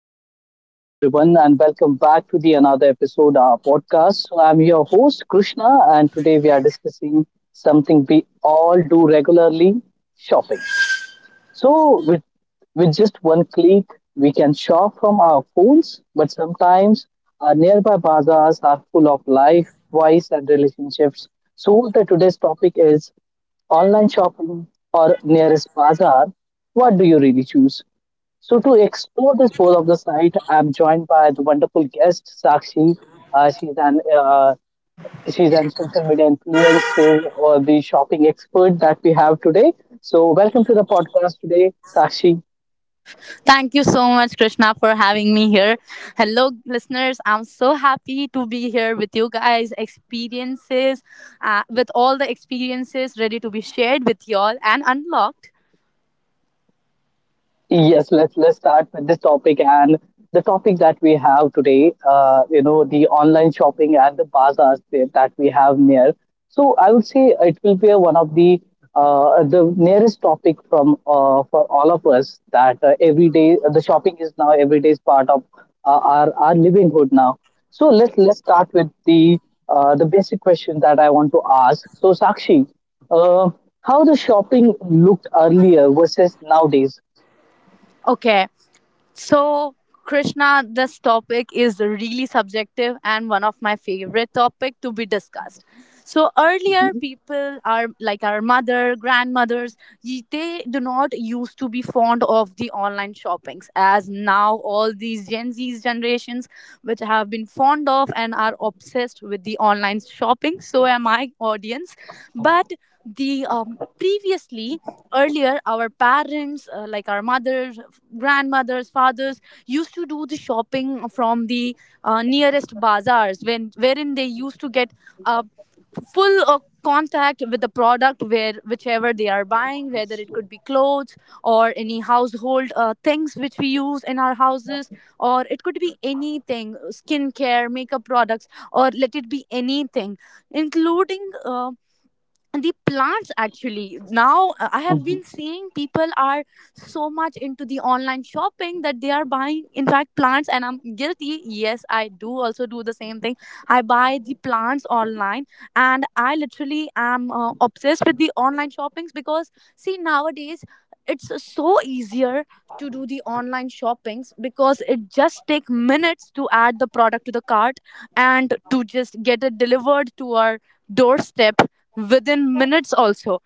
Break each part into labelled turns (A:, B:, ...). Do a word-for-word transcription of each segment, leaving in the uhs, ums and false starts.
A: hi, hello everyone, and welcome back to the another episode of our podcast. So, I'm your host Krishna, and today we are discussing something we all do regularly: shopping. So, with with just one click, we can shop from our phones. But sometimes our nearby bazaars are full of life, voice, and relationships. So, the today's topic is online shopping or nearest bazaar. What do you really choose? So, to explore this both of the site, I'm joined by the wonderful guest, Sakshi. Uh, she's an uh, she's an social media influencer or the shopping expert that we have today. So, welcome to the podcast today, Sakshi.
B: Thank you so much, Krishna, for having me here. Hello, listeners. I'm so happy to be here with you guys. Experiences, uh, with all the experiences ready to be shared with y'all and unlocked.
A: Yes, let's let's start with this topic and the topic that we have today. Uh, you know, the online shopping and the bazaars that that we have near. So I would say it will be one of the uh, the nearest topic from uh, for all of us that uh, every day the shopping is now every day's part of uh, our our livelihood now. So let's let's start with the uh, the basic question that I want to ask. So Sakshi, uh, how the shopping looked earlier versus nowadays?
B: Okay. So, Krishna, this topic is really subjective and one of my favorite topic to be discussed. So earlier,
A: Mhm.
B: people are like our mother, grandmothers, ye- they do not used to be fond of the online shoppings as now all these Gen Z's generations, which have been fond of and are obsessed with the online shopping. So am I, audience. But the um, previously earlier our parents uh, like our mothers, grandmothers, fathers used to do the shopping from the uh, nearest bazaars when wherein they used to get uh, full uh, contact with the product where whichever they are buying, whether it could be clothes or any household uh, things which we use in our houses, or it could be anything, skincare, makeup products, or let it be anything, including uh, the plants. Actually, now uh, I have
A: Mhm.
B: been seeing people are so much into the online shopping that they are buying, in fact, plants, and I'm guilty. Yes, I do also do the same thing. I buy the plants online, and I literally am uh, obsessed with the online shoppings because, see, nowadays it's so easier to do the online shoppings because it just take minutes to add the product to the cart and to just get it delivered to our doorstep within minutes also.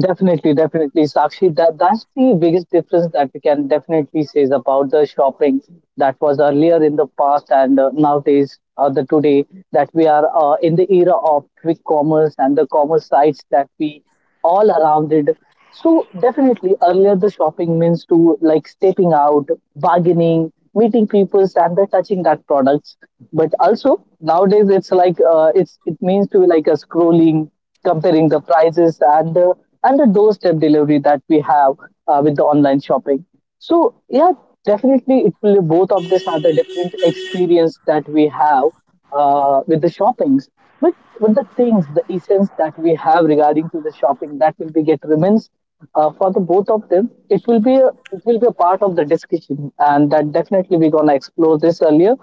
A: Definitely, definitely, Sakshi. That that's the biggest difference that we can definitely say is about the shopping that was earlier in the past and uh, nowadays, uh, the today that we are uh, in the era of quick commerce and the commerce sites that we all around it. So definitely, earlier the shopping means to like stepping out, bargaining, meeting peoples, and the touching that products. But also nowadays, it's like uh, it's it means to like a scrolling, comparing the prices and the and the doorstep delivery that we have uh, with the online shopping. So yeah, definitely it will both of this are the different experience that we have uh, with the shoppings. But with the things, the essence that we have regarding to the shopping, that will be get remains uh, for the both of them. It will be a, it will be a part of the discussion, and that definitely we're gonna explore this earlier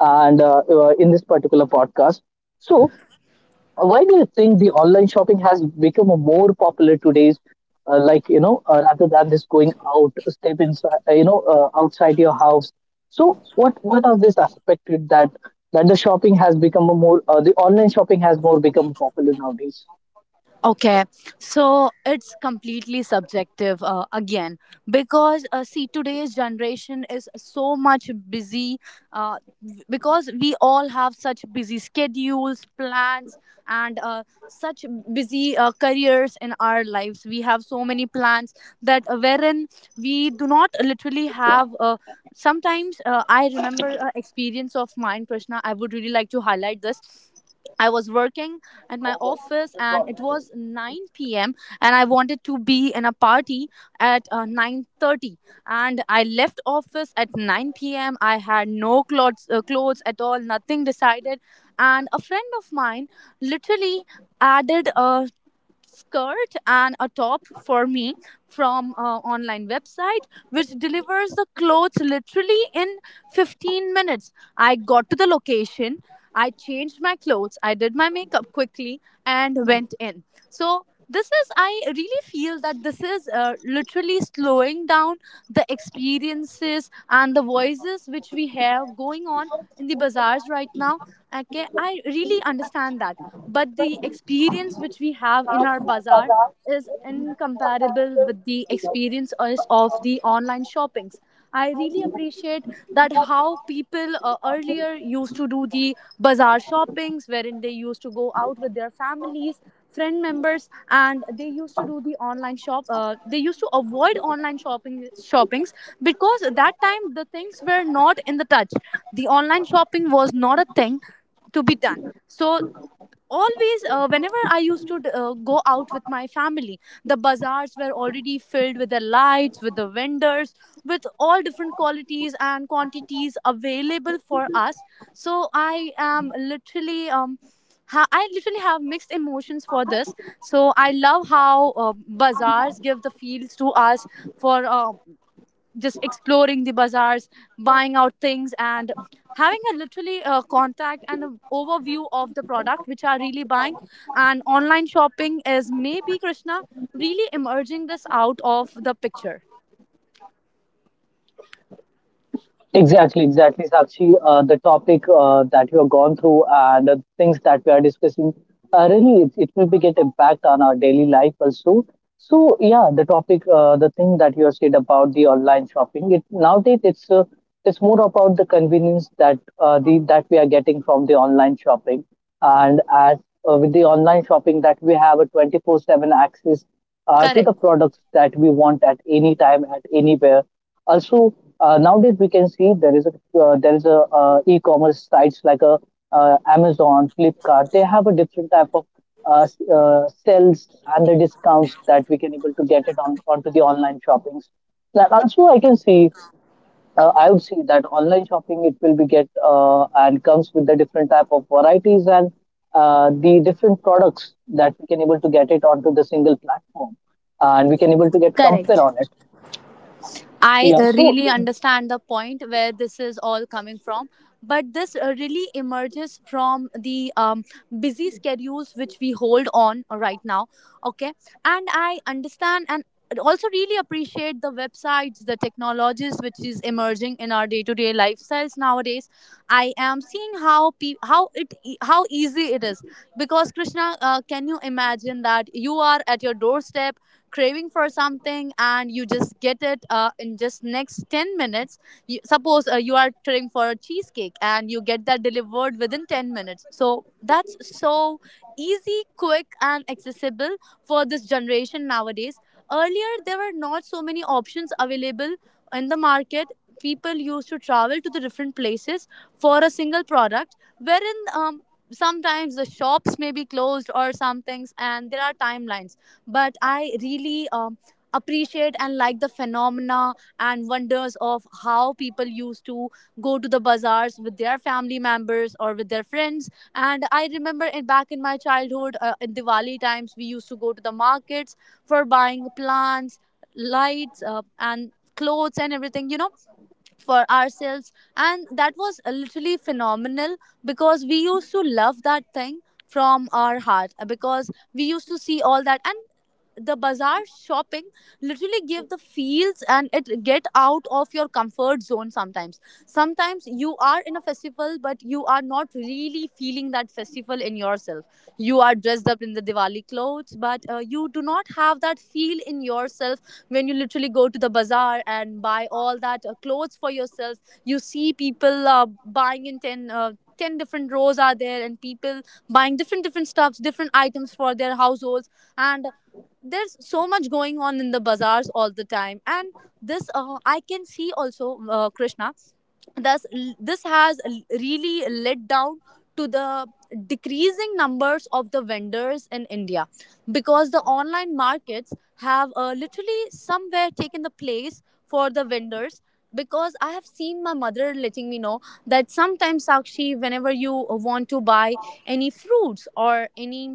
A: and uh, uh, in this particular podcast. So why do you think the online shopping has become a more popular today's, uh, like you know, uh, rather than this going out, step inside, uh, you know, uh, outside your house? So what what are this aspected that that the shopping has become a more uh, the online shopping has more become popular nowadays?
B: Okay, so it's completely subjective uh, again, because, uh, see, today's generation is so much busy, uh, w- because we all have such busy schedules, plans, and uh, such busy uh, careers in our lives. We have so many plans that uh, wherein we do not literally have uh, sometimes. uh, I remember uh, experience of mine, Krishna. I would really like to highlight this. I was working at my office and it was nine p m and I wanted to be in a party at uh, nine thirty, and I left office at nine p m. I had no clothes, uh, clothes at all, nothing decided, and a friend of mine literally added a skirt and a top for me from an online website which delivers the clothes literally in fifteen minutes. I got to the location, I changed my clothes, I did my makeup quickly and went in. So this is, I really feel that this is uh, literally slowing down the experiences and the voices which we have going on in the bazaars right now. Okay, I really understand that, but the experience which we have in our bazaar is incomparable with the experience is- of the online shoppings. I really appreciate that how people uh, earlier used to do the bazaar shoppings wherein they used to go out with their families, friend members, and they used to do the online shop uh, they used to avoid online shopping shoppings because at that time the things were not in the touch. The online shopping was not a thing to be done. So always, uh, whenever I used to uh, go out with my family, the bazaars were already filled with the lights, with the vendors, with all different qualities and quantities available for us. So I am literally um ha- I literally have mixed emotions for this. So I love how uh, bazaars give the fields to us for uh, just exploring the bazaars, buying out things, and having a literally uh, contact and an overview of the product which are really buying. And online shopping is maybe, Krishna, really emerging this out of the picture.
A: Exactly, exactly, Sakshi. Uh, the topic uh, that you have gone through and the things that we are discussing, uh, really, it, it will be get impact on our daily life also. So yeah, the topic, uh, the thing that you have said about the online shopping, it nowadays it's uh, it's more about the convenience that uh, the that we are getting from the online shopping, and as uh, with the online shopping that we have a twenty four seven access uh, to
B: Correct.
A: the products that we want at any time at anywhere also, uh, nowadays we can see there is a uh, there is a uh, e-commerce sites like a uh, Amazon, Flipkart. They have a different type of uh, s- uh, sales and the discounts that we can able to get it on onto the online shoppings. That also I can see. Uh, I would see that online shopping it will be get uh, and comes with the different type of varieties and uh, the different products that we can able to get it onto the single platform and we can able to get compare
B: Correct.
A: on it.
B: I
A: Yeah.
B: uh,
A: So.
B: really understand the point where this is all coming from, but this uh, really emerges from the um, busy schedules which we hold on right now. Okay, and I understand and also really appreciate the websites, the technologies which is emerging in our day-to-day lifestyles nowadays. I am seeing how pe- how it e- how easy it is because, Krishna, uh, can you imagine that you are at your doorstep craving for something and you just get it uh, in just next ten minutes? You, suppose uh, you are craving for a cheesecake and you get that delivered within ten minutes, so that's so easy, quick, and accessible for this generation nowadays. Earlier there were not so many options available in the market. People used to travel to the different places for a single product wherein, um, sometimes the shops may be closed or some things, and there are timelines. But I really um, appreciate and like the phenomena and wonders of how people used to go to the bazaars with their family members or with their friends. And I remember in, back in my childhood, uh, in Diwali times, we used to go to the markets for buying plants, lights, uh, and clothes and everything, you know, for ourselves, and that was uh, literally phenomenal because we used to love that thing from our heart uh, because we used to see all that. And the bazaar shopping literally give the feels and it get out of your comfort zone sometimes. Sometimes you are in a festival but you are not really feeling that festival in yourself. You are dressed up in the Diwali clothes but uh, you do not have that feel in yourself. When you literally go to the bazaar and buy all that uh, clothes for yourself, you see people uh, buying in ten uh, ten different rows are there and people buying different different stuffs, different items for their households. And there's so much going on in the bazaars all the time. And this uh, I can see also, uh, Krishna, thus this has really led down to the decreasing numbers of the vendors in India because the online markets have uh, literally somewhere taken the place for the vendors. Because I have seen my mother letting me know that, sometimes Sakshi, whenever you want to buy any fruits or any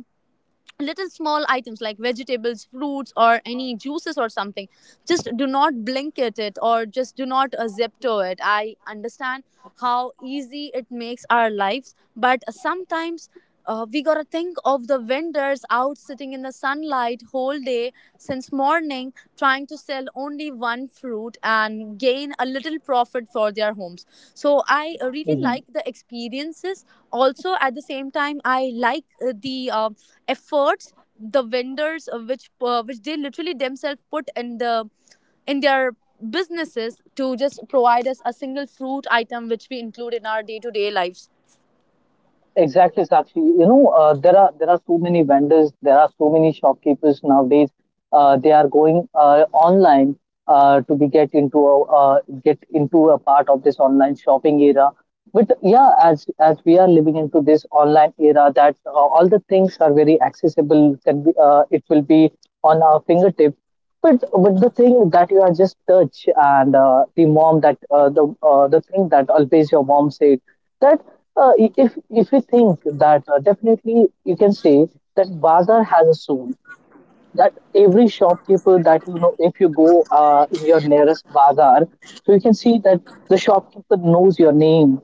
B: little small items like vegetables, fruits, or any juices or something, just do not blanket it or just do not uh, zip to it. I understand how easy it makes our lives, but sometimes uh, we gotta think of the vendors out sitting in the sunlight whole day since morning trying to sell only one fruit and gain a little profit for their homes. So I really like the experiences. Also at the same time, I like uh, the uh, efforts the vendors uh, which uh, which they literally themselves put in the, in their businesses to just provide us a single fruit item which we include in our day to day lives.
A: Exactly, Sakshi. You know, uh, there are there are so many vendors, there are so many shopkeepers nowadays. Uh, they are going uh, online uh, to be get into a uh, get into a part of this online shopping era, but yeah, as as we are living into this online era that uh, all the things are very accessible can be uh, it will be on our fingertip, but but the thing that you are just touch and uh, the mom that uh, the uh, the thing that always your mom said that uh, i- if if you think that uh, definitely you can say that bazaar has a soul, that every shopkeeper that you know if you go uh, in your nearest bazaar, so you can see that the shopkeeper knows your name,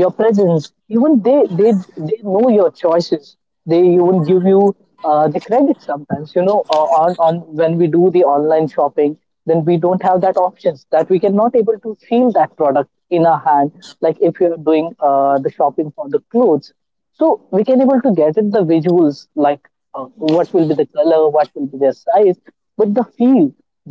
A: your presence, even they they they know your choices, they even give you uh, the credit sometimes, you know, uh, on on when we do the online shopping, then we don't have that options that we can not able to feel that product in our hand, like if you're doing uh, the shopping for the clothes, so we can able to get it the visuals, like uh, what will be the color, what will be their size, but the feel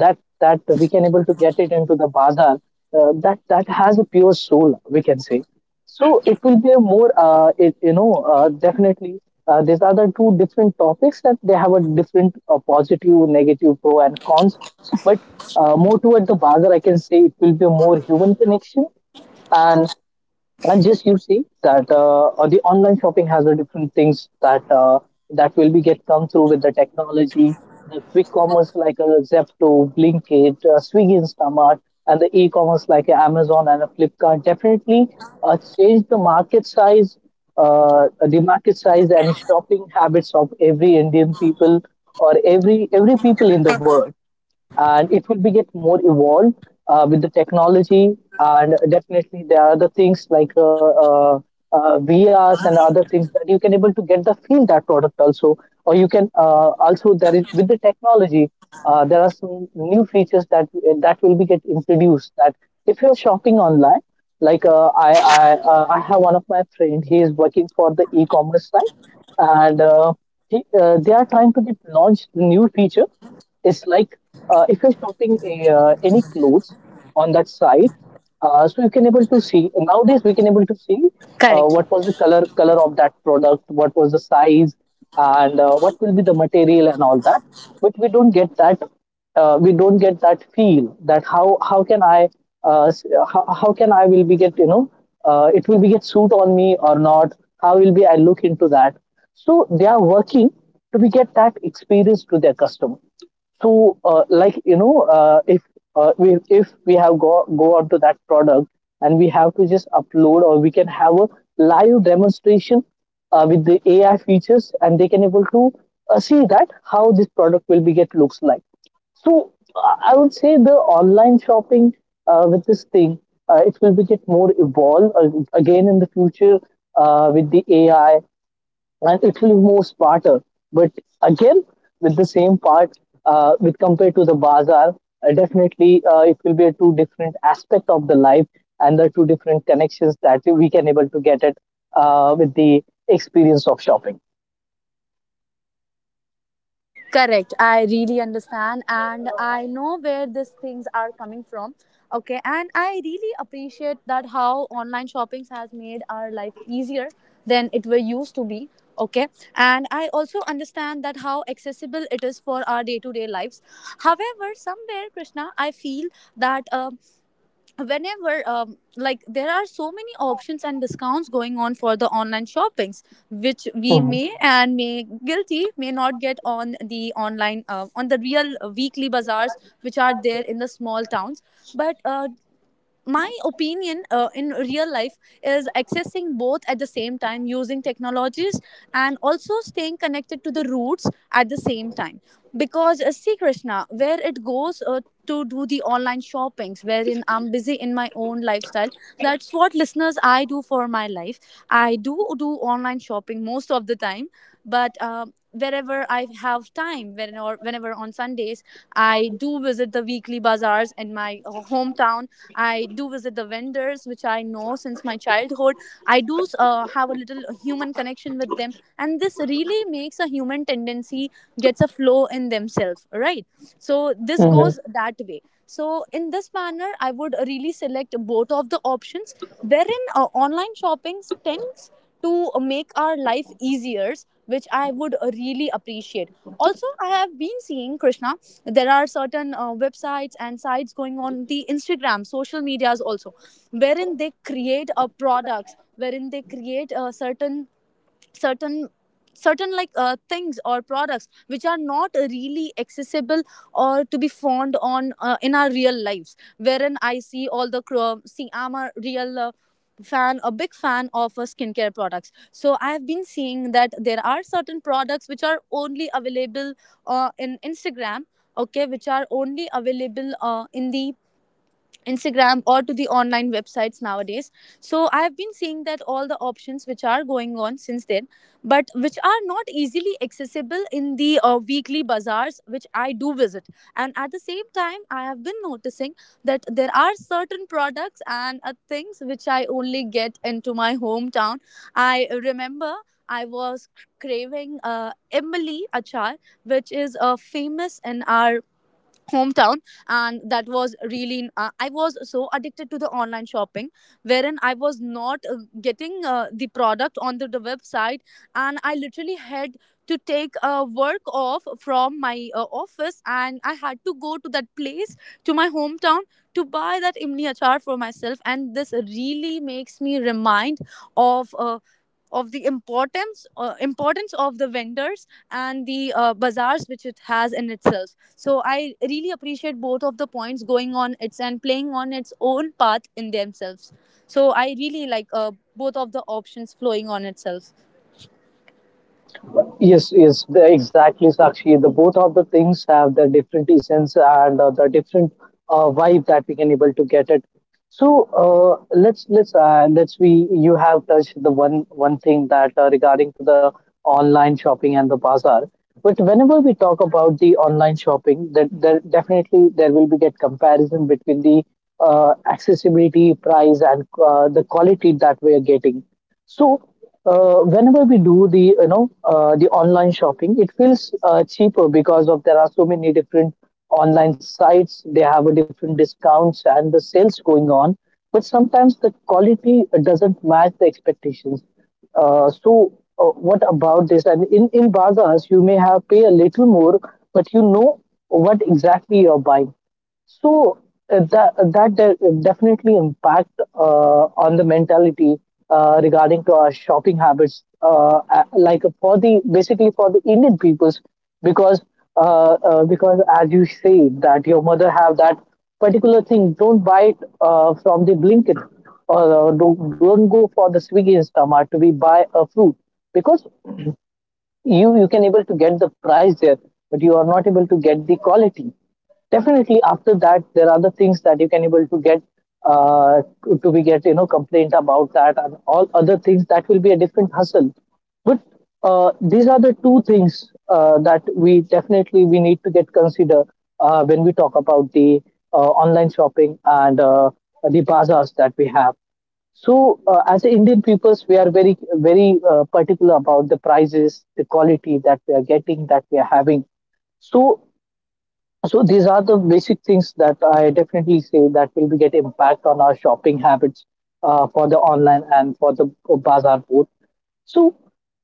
A: that that we can able to get it into the bazaar, uh, that that has a pure soul we can say. So it will be a more, uh, it, you know, uh, definitely. Uh, these are the two different topics that they have a different uh, positive, negative, pro and cons. But uh, more toward the Bagar, I can say it will be a more human connection. And and just you see that uh, uh, the online shopping has the different things that uh, that will be get come through with the technology, the quick commerce like a Zepto, Blinkit, uh, Swiggy Instamart, and the e-commerce like a Amazon and a Flipkart, definitely uh, change the market size, uh, the market size and shopping habits of every Indian people or every every people in the world, and it will be get more evolved uh, with the technology. And definitely there are other things like uh, uh, uh, V Rs and other things that you can able to get the feel that product also, or you can uh, also there is with the technology uh, there are some new features that that will be get introduced, that if you're shopping online, like uh, I I, uh, I have one of my friend, he is working for the e-commerce site, and uh, he, uh, they are trying to get launch the new feature. It's like uh, if you're shopping a, uh, any clothes on that site, uh, so you can able to see nowadays we can able to see uh,
B: Correct.
A: what was the color color of that product, what was the size, and uh, what will be the material and all that. But we don't get that, uh, we don't get that feel that how how can I uh, s- how, how can I will be get you know uh, it will be get suit on me or not? How will be I look into that? So they are working to be get that experience to their customer. So, uh, like you know, uh, if uh, we if we have go go onto that product and we have to just upload, or we can have a live demonstration uh, with the A I features, and they can able to uh, see that how this product will be get looks like. So uh, I would say the online shopping uh, with this thing, uh, it will be get more evolved uh, again in the future uh, with the A I, and it will be more smarter. But again, with the same part, uh, with compared to the bazaar, uh, definitely uh, it will be a two different aspect of the life and the two different connections that we can able to get it uh, with the experience of shopping.
B: Correct. I really understand and I know where these things are coming from. Okay. And I really appreciate that how online shopping has made our life easier than it were used to be. Okay. And I also understand that how accessible it is for our day to day lives. However, somewhere, Krishna, I feel that, um whenever, um, like, there are so many options and discounts going on for the online shoppings which we
A: Mhm.
B: may and may guilty may not get on the online uh, on the real uh, weekly bazaars which are there in the small towns. But uh, my opinion, uh, in real life is accessing both at the same time using technologies and also staying connected to the roots at the same time. Because, uh, see, Krishna, where it goes, uh, to do the online shoppings wherein I'm busy in my own lifestyle, that's what, listeners, I do for my life. I do do online shopping most of the time. But um wherever I have time, when whenever on Sundays, I do visit the weekly bazaars in my uh, hometown. I do visit the vendors, which I know since my childhood. I do uh, have a little human connection with them, and this really makes a human tendency gets a flow in themselves, right? So this goes that way. So in this manner, I would really select both of the options wherein uh, online shopping tends to make our life easier, which I would really appreciate. Also I have been seeing, Krishna, there are certain uh, websites and sites going on the Instagram, social medias also, wherein they create uh, products wherein they create uh, certain certain certain, like, uh, things or products which are not really accessible or to be found on uh, in our real lives, wherein I see all the cro- see, I'm a real uh, fan, a big fan of uh, skincare products. So I have been seeing that there are certain products which are only available uh, in Instagram. Okay, which are only available uh, in the Instagram or to the online websites nowadays. So I have been seeing that all the options which are going on since then, but which are not easily accessible in the uh, weekly bazaars which I do visit. And at the same time, I have been noticing that there are certain products and uh, things which I only get into my hometown. I remember I was craving uh, Emily achar, which is uh, famous in our hometown, and that was really uh, i was so addicted to the online shopping wherein I was not uh, getting uh, the product onto the website, and I literally had to take a uh, work off from my uh, office, and I had to go to that place, to my hometown, to buy that imni achar for myself. And this really makes me remind of uh, of the importance, uh, importance of the vendors and the uh, bazaars which it has in itself. So I really appreciate both of the points going on its and playing on its own path in themselves. So I really like uh, both of the options flowing on itself.
A: Yes, yes, the- exactly, Sakshi. The both of the things have the different essence, and uh, the different uh, vibe that we can able to get it. So uh, let's let's uh, let's we you have touched the one one thing that uh, regarding to the online shopping and the bazaar. But whenever we talk about the online shopping, that there definitely there will be get comparison between the uh, accessibility, price, and uh, the quality that we are getting. So uh, whenever we do the you know uh, the online shopping, it feels uh, cheaper because of there are so many different online sites. They have a different discounts and the sales going on. But sometimes the quality doesn't match the expectations. Uh, so, uh, what about this? And in, in bazaars, you may have pay a little more, but you know what exactly you're buying. So uh, that uh, that de- definitely impact uh, on the mentality uh, regarding to our shopping habits, uh, a- like for the basically for the Indian peoples, because uh, uh, because as you say that your mother have that particular thing, don't buy it uh, from the Blinkit or uh, don't, don't go for the Swiggy Instamart to be buy a fruit because you you can able to get the price there, but you are not able to get the quality. Definitely after that there are the things that you can able to get uh, to, to be get you know complaint about that and all other things that will be a different hustle. But uh, these are the two things uh, that we definitely we need to get consider uh, when we talk about the uh, online shopping and uh, the bazaars that we have. So, uh, as a Indian peoples, we are very, very uh, particular about the prices, the quality that we are getting, that we are having. So, so these are the basic things that I definitely say that will be get impact on our shopping habits uh, for the online and for the bazaar both. So,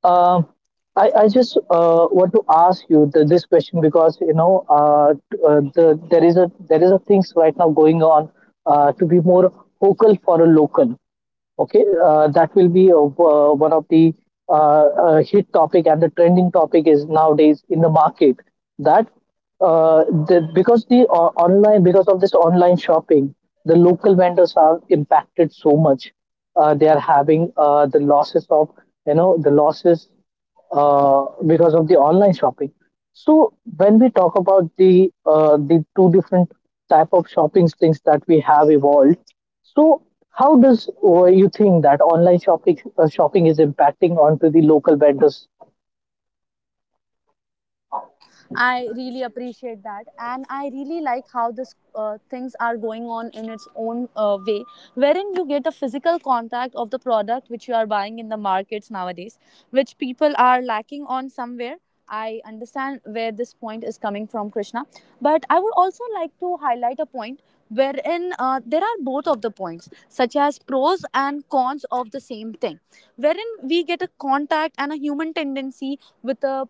A: uh, I, I just uh, want to ask you the, this question because you know uh, t- uh, the there is a there is a things right now going on uh, to be more focal for a local. Okay, uh, that will be uh, uh, one of the uh, uh, hit topic and the trending topic is nowadays in the market that uh, the, because the uh, online, because of this online shopping, the local vendors are impacted so much. Uh, they are having uh, the losses of, you know the losses uh, because of the online shopping. So when we talk about the uh, the two different type of shopping things that we have evolved, so how does uh, you think that online shopping uh, shopping is impacting onto the local vendors?
B: I really appreciate that, and I really like how this uh, things are going on in its own uh, way, wherein you get a physical contact of the product which you are buying in the markets nowadays, which people are lacking on somewhere. I understand where this point is coming from, Krishna, but I would also like to highlight a point wherein uh, there are both of the points, such as pros and cons of the same thing, wherein we get a contact and a human tendency with a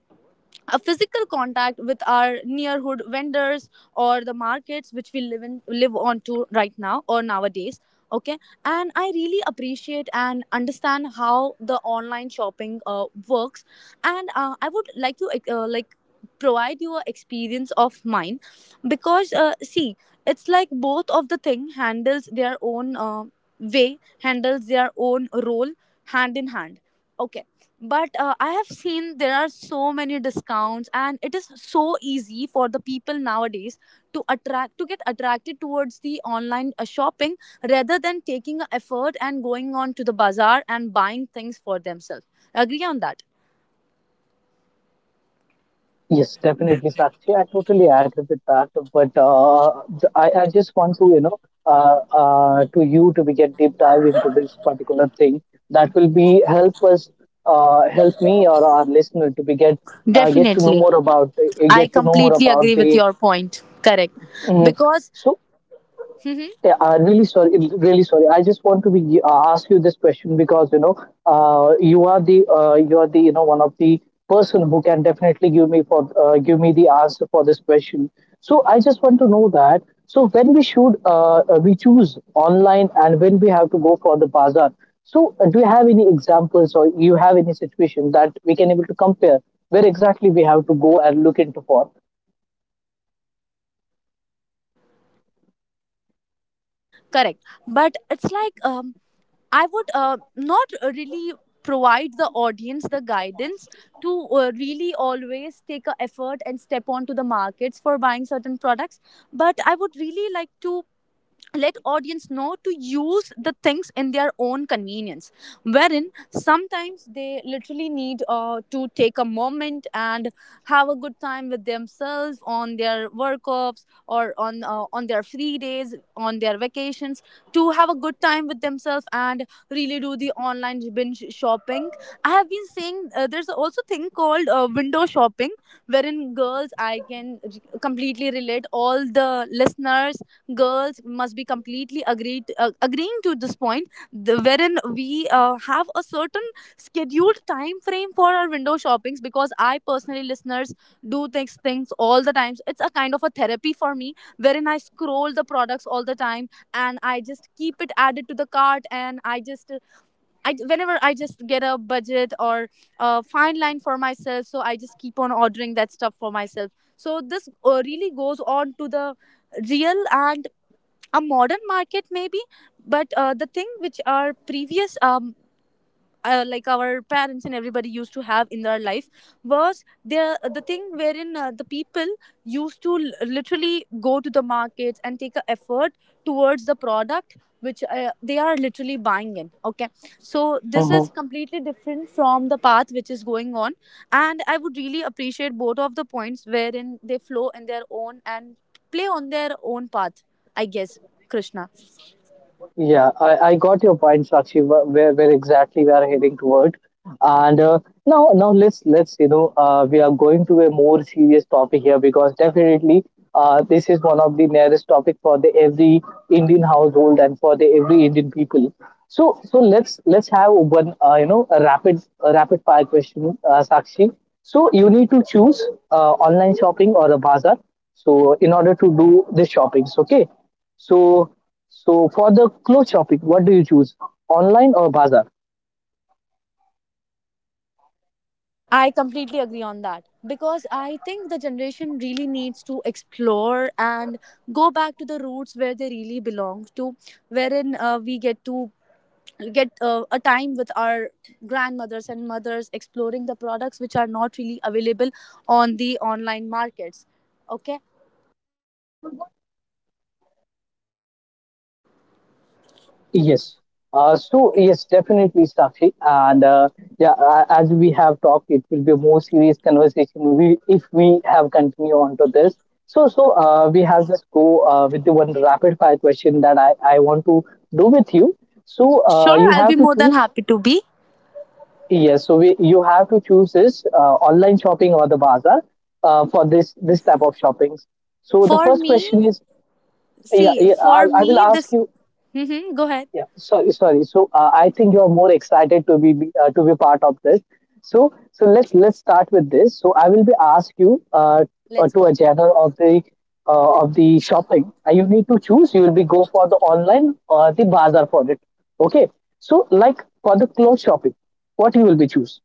B: a physical contact with our neighborhood vendors or the markets which we live in, live on to right now, or nowadays. Okay. And I really appreciate and understand how the online shopping uh, works, and uh, I would like to uh, like provide you a experience of mine. Because uh, see, it's like both of the thing handles their own uh, way, handles their own role, hand in hand. Okay. But uh, I have seen there are so many discounts, and it is so easy for the people nowadays to attract, to get attracted towards the online uh, shopping rather than taking a effort and going on to the bazaar and buying things for themselves. Agree on that.
A: Yes, definitely, Sakshi. I totally agree with that. But uh, th- I, I just want to, you know, uh, uh, to you to be get deep dive into this particular thing that will be help us, uh, help me or our listener to be get uh, get to know
B: Definitely.
A: more about uh,
B: I
A: get to know more
B: completely
A: about
B: agree with
A: the.
B: your point. Correct.
A: Mhm.
B: Because
A: Yeah, uh, really sorry, really sorry. I just want to be uh, ask you this question because you know, uh, you are the uh, you are the you know one of the person who can definitely give me for uh, give me the answer for this question. So I just want to know that. So when we should uh, uh, we choose online and when we have to go for the bazaar. So uh, do you have any examples or you have any situation that we can able to compare where exactly we have to go and look into for?
B: correct, but it's like um, I would uh, not really provide the audience the guidance to uh, really always take a effort and step onto the markets for buying certain products, but I would really like to let audience know to use the things in their own convenience, wherein sometimes they literally need uh, to take a moment and have a good time with themselves on their work offs or on uh, on their free days, on their vacations, to have a good time with themselves and really do the online binge shopping. I have been saying uh, there's also thing called uh, window shopping, wherein girls, I can completely relate all the listeners, girls must be completely agreed, uh, agreeing to this point, the, wherein we uh, have a certain scheduled time frame for our window shoppings. Because I personally, listeners, do things things all the times. It's a kind of a therapy for me, wherein I scroll the products all the time, and I just keep it added to the cart, and I just, I whenever I just get a budget or a fine line for myself, so I just keep on ordering that stuff for myself. So this uh, really goes on to the real and a modern market maybe. But uh, the thing which our previous um uh, like our parents and everybody used to have in their life was their, the thing wherein uh, the people used to l- literally go to the markets and take a effort towards the product which uh, they are literally buying in. Okay. So this is
A: Mm-hmm.
B: completely different from the path which is going on. And I would really appreciate both of the points wherein they flow in their own and play on their own path, I guess, Krishna.
A: Yeah, I, I got your point, Sakshi. wh- Where where exactly we are heading toward, and uh, now now let's let's you know uh, we are going to a more serious topic here, because definitely uh, this is one of the nearest topic for the every Indian household and for the every Indian people. So so let's let's have one uh, you know a rapid a rapid fire question, uh, Sakshi. So you need to choose uh, online shopping or a bazaar. So in order to do the shoppings, okay? So so for the clothes shopping, what do you choose, online or bazaar?
B: I completely agree on that, because I think the generation really needs to explore and go back to the roots where they really belong to, wherein uh, we get to get uh, a time with our grandmothers and mothers, exploring the products which are not really available on the online markets. Okay.
A: Yes. Uh, so yes, definitely Sakshi. And uh, yeah, uh, as we have talked, it will be a more serious conversation we, if we have continue on to this. So so uh, we have just go uh, with the one rapid fire question that I, I want to do with you. So uh,
B: Sure,
A: you
B: I'll
A: have
B: be
A: to
B: more than
A: choose.
B: happy to be.
A: Yes, so we, you have to choose this uh, online shopping or the bazaar uh, for this this type of shoppings. So the
B: For
A: first
B: me,
A: question is. Yeah,
B: see,
A: yeah. I,
B: for
A: I will
B: me,
A: ask
B: this.
A: you.
B: Hmm, go ahead.
A: Yeah, sorry, sorry. So uh, I think you are more excited to be be- uh, to be part of this. So so let's let's start with this. So I will be ask you uh, uh,
B: Let's
A: to a
B: go.
A: genre of the uh, of the shopping. Uh, you need to choose. You will be go for the online or the bazaar for it. Okay. So like for the clothes shopping, what you will be choose?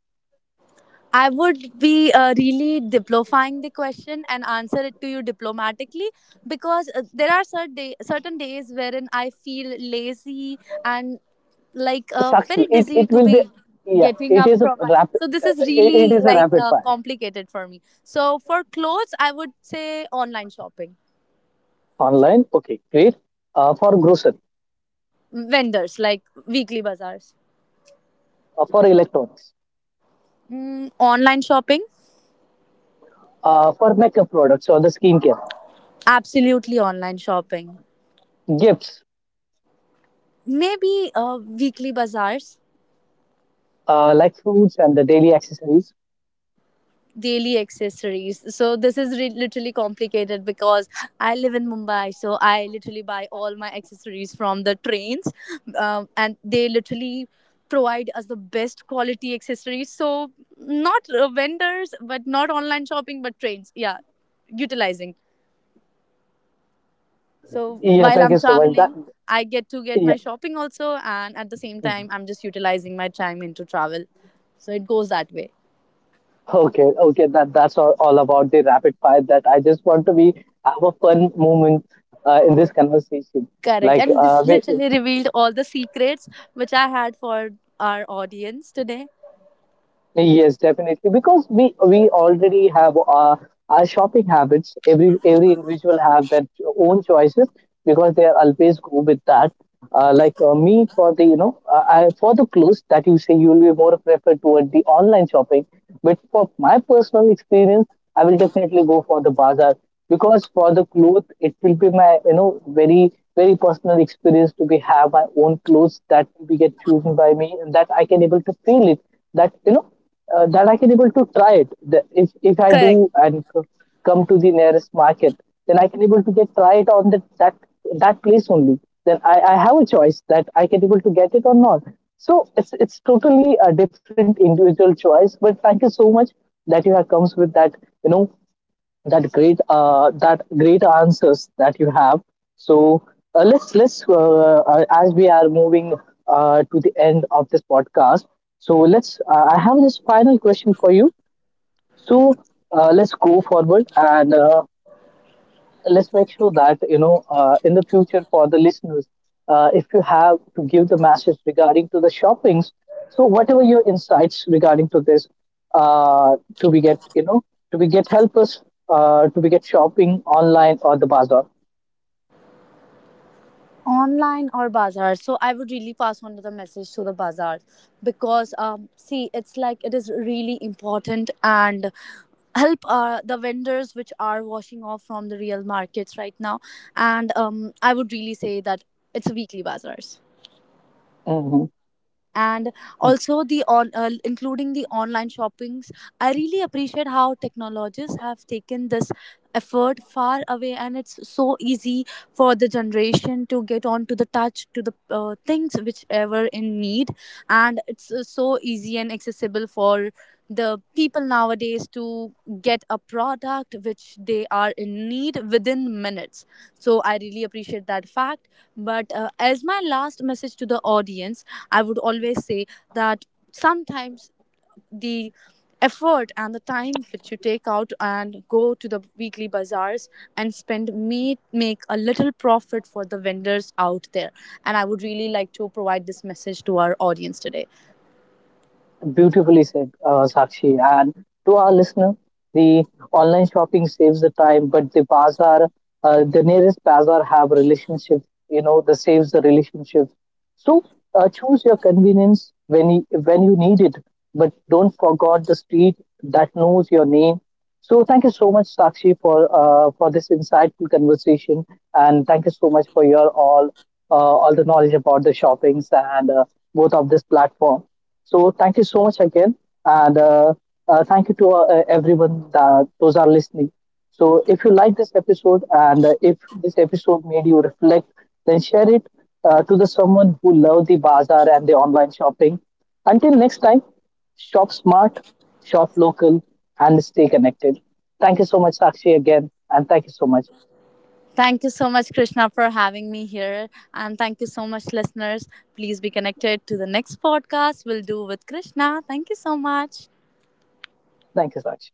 B: I would be uh, really diplomifying the question and answer it to you diplomatically. Because uh, there are certain, day- certain days wherein I feel lazy and like uh, very
A: Sakshi. It
B: dizzy
A: it
B: to
A: will be
B: be
A: yeah.
B: getting
A: It
B: up
A: is a
B: from my.
A: rapid.
B: So this
A: Uh,
B: is
A: it, it
B: really
A: is a
B: like
A: rapid
B: uh,
A: fire
B: complicated for me. So for clothes, I would say online shopping,
A: online. Okay, great. Uh, for grocery,
B: vendors like weekly bazaars,
A: uh, for electronics,
B: mm, online shopping,
A: uh, for makeup products or the skincare,
B: absolutely online shopping,
A: gifts,
B: maybe uh, weekly bazaars,
A: uh, like fruits and the daily accessories.
B: daily accessories. So this is re- literally complicated because I live in Mumbai, so I literally buy all my accessories from the trains, um, and they literally provide us the best quality accessories. So not uh, vendors, but not online shopping, but trains. Yeah, utilizing. So
A: Yeah,
B: while
A: thank
B: I'm
A: you so much. That
B: traveling, I get to get
A: yeah,
B: my shopping also, and at the same time, I'm just utilizing my time into travel. So it goes that way.
A: okay, okay. That that's all, all about the rapid fire. That I just want to be have a fun moment uh, in this conversation.
B: Correct.
A: Like
B: And
A: uh,
B: this
A: we,
B: literally revealed all the secrets which I had for our audience today.
A: yes, definitely. Because we we already have our, our shopping habits. Every every individual have their own choices because they are always go with that. Uh, like uh, me, for the you know uh, I, for the clothes that you say you will be more preferred toward the online shopping. But for my personal experience, I will definitely go for the bazaar, because for the clothes it will be my you know very very personal experience to be have my own clothes that will be get chosen by me and that I can able to feel it that you know uh, that I can able to try it. The, if if I
B: Correct.
A: do and c- come to the nearest market, then I can able to get try it on that that that place only. Then I, I have a choice that I can able to get it or not. So it's it's totally a different individual choice. But thank you so much that you have comes with that you know that great uh, that great answers that you have. So uh, let's let's uh, uh, as we are moving uh, to the end of this podcast, so let's uh, I have this final question for you. So uh, let's go forward and uh, let's make sure that you know uh, in the future for the listeners, uh, if you have to give the message regarding to the shoppings, so whatever your insights regarding to this uh, to be get you know to be get help us uh, to be get shopping online or the bazaar.
B: Online or bazaar. So I would really pass on the message to the bazaar, because, um, see, it's like it is really important and help uh, the vendors which are washing off from the real markets right now. And um, I would really say that it's a weekly bazaars,
A: Mhm.
B: and also the on uh, including the online shoppings, I really appreciate how technologies have taken this effort far away, and it's so easy for the generation to get on to the touch to the uh, things whichever in need. And it's uh, so easy and accessible for the people nowadays to get a product which they are in need within minutes. So I really appreciate that fact. But uh, as my last message to the audience, I would always say that sometimes the effort and the time which you take out and go to the weekly bazaars and spend may make a little profit for the vendors out there. And I would really like to provide this message to our audience today.
A: Beautifully said, uh, Sakshi. And to our listener, the online shopping saves the time, but the bazaar, uh, the nearest bazaar have relationship. You know, the saves the relationship. So uh, choose your convenience when you, when you need it, but don't forget the street that knows your name. So thank you so much, Sakshi, for uh, for this insightful conversation, and thank you so much for your all uh, all the knowledge about the shoppings and uh, both of this platform. So thank you so much again, and uh, uh, thank you to uh, everyone that those are listening. So if you like this episode and uh, if this episode made you reflect, then share it uh, to the someone who love the bazaar and the online shopping. Until next time, shop smart, shop local, and stay connected. Thank you so much, Sakshi, again, and thank you so much.
B: Thank you so much, Krishna, for having me here. And thank you so much, listeners. Please be connected to the next podcast we'll do with Krishna. Thank you so much.
A: Thank you, Sakshi.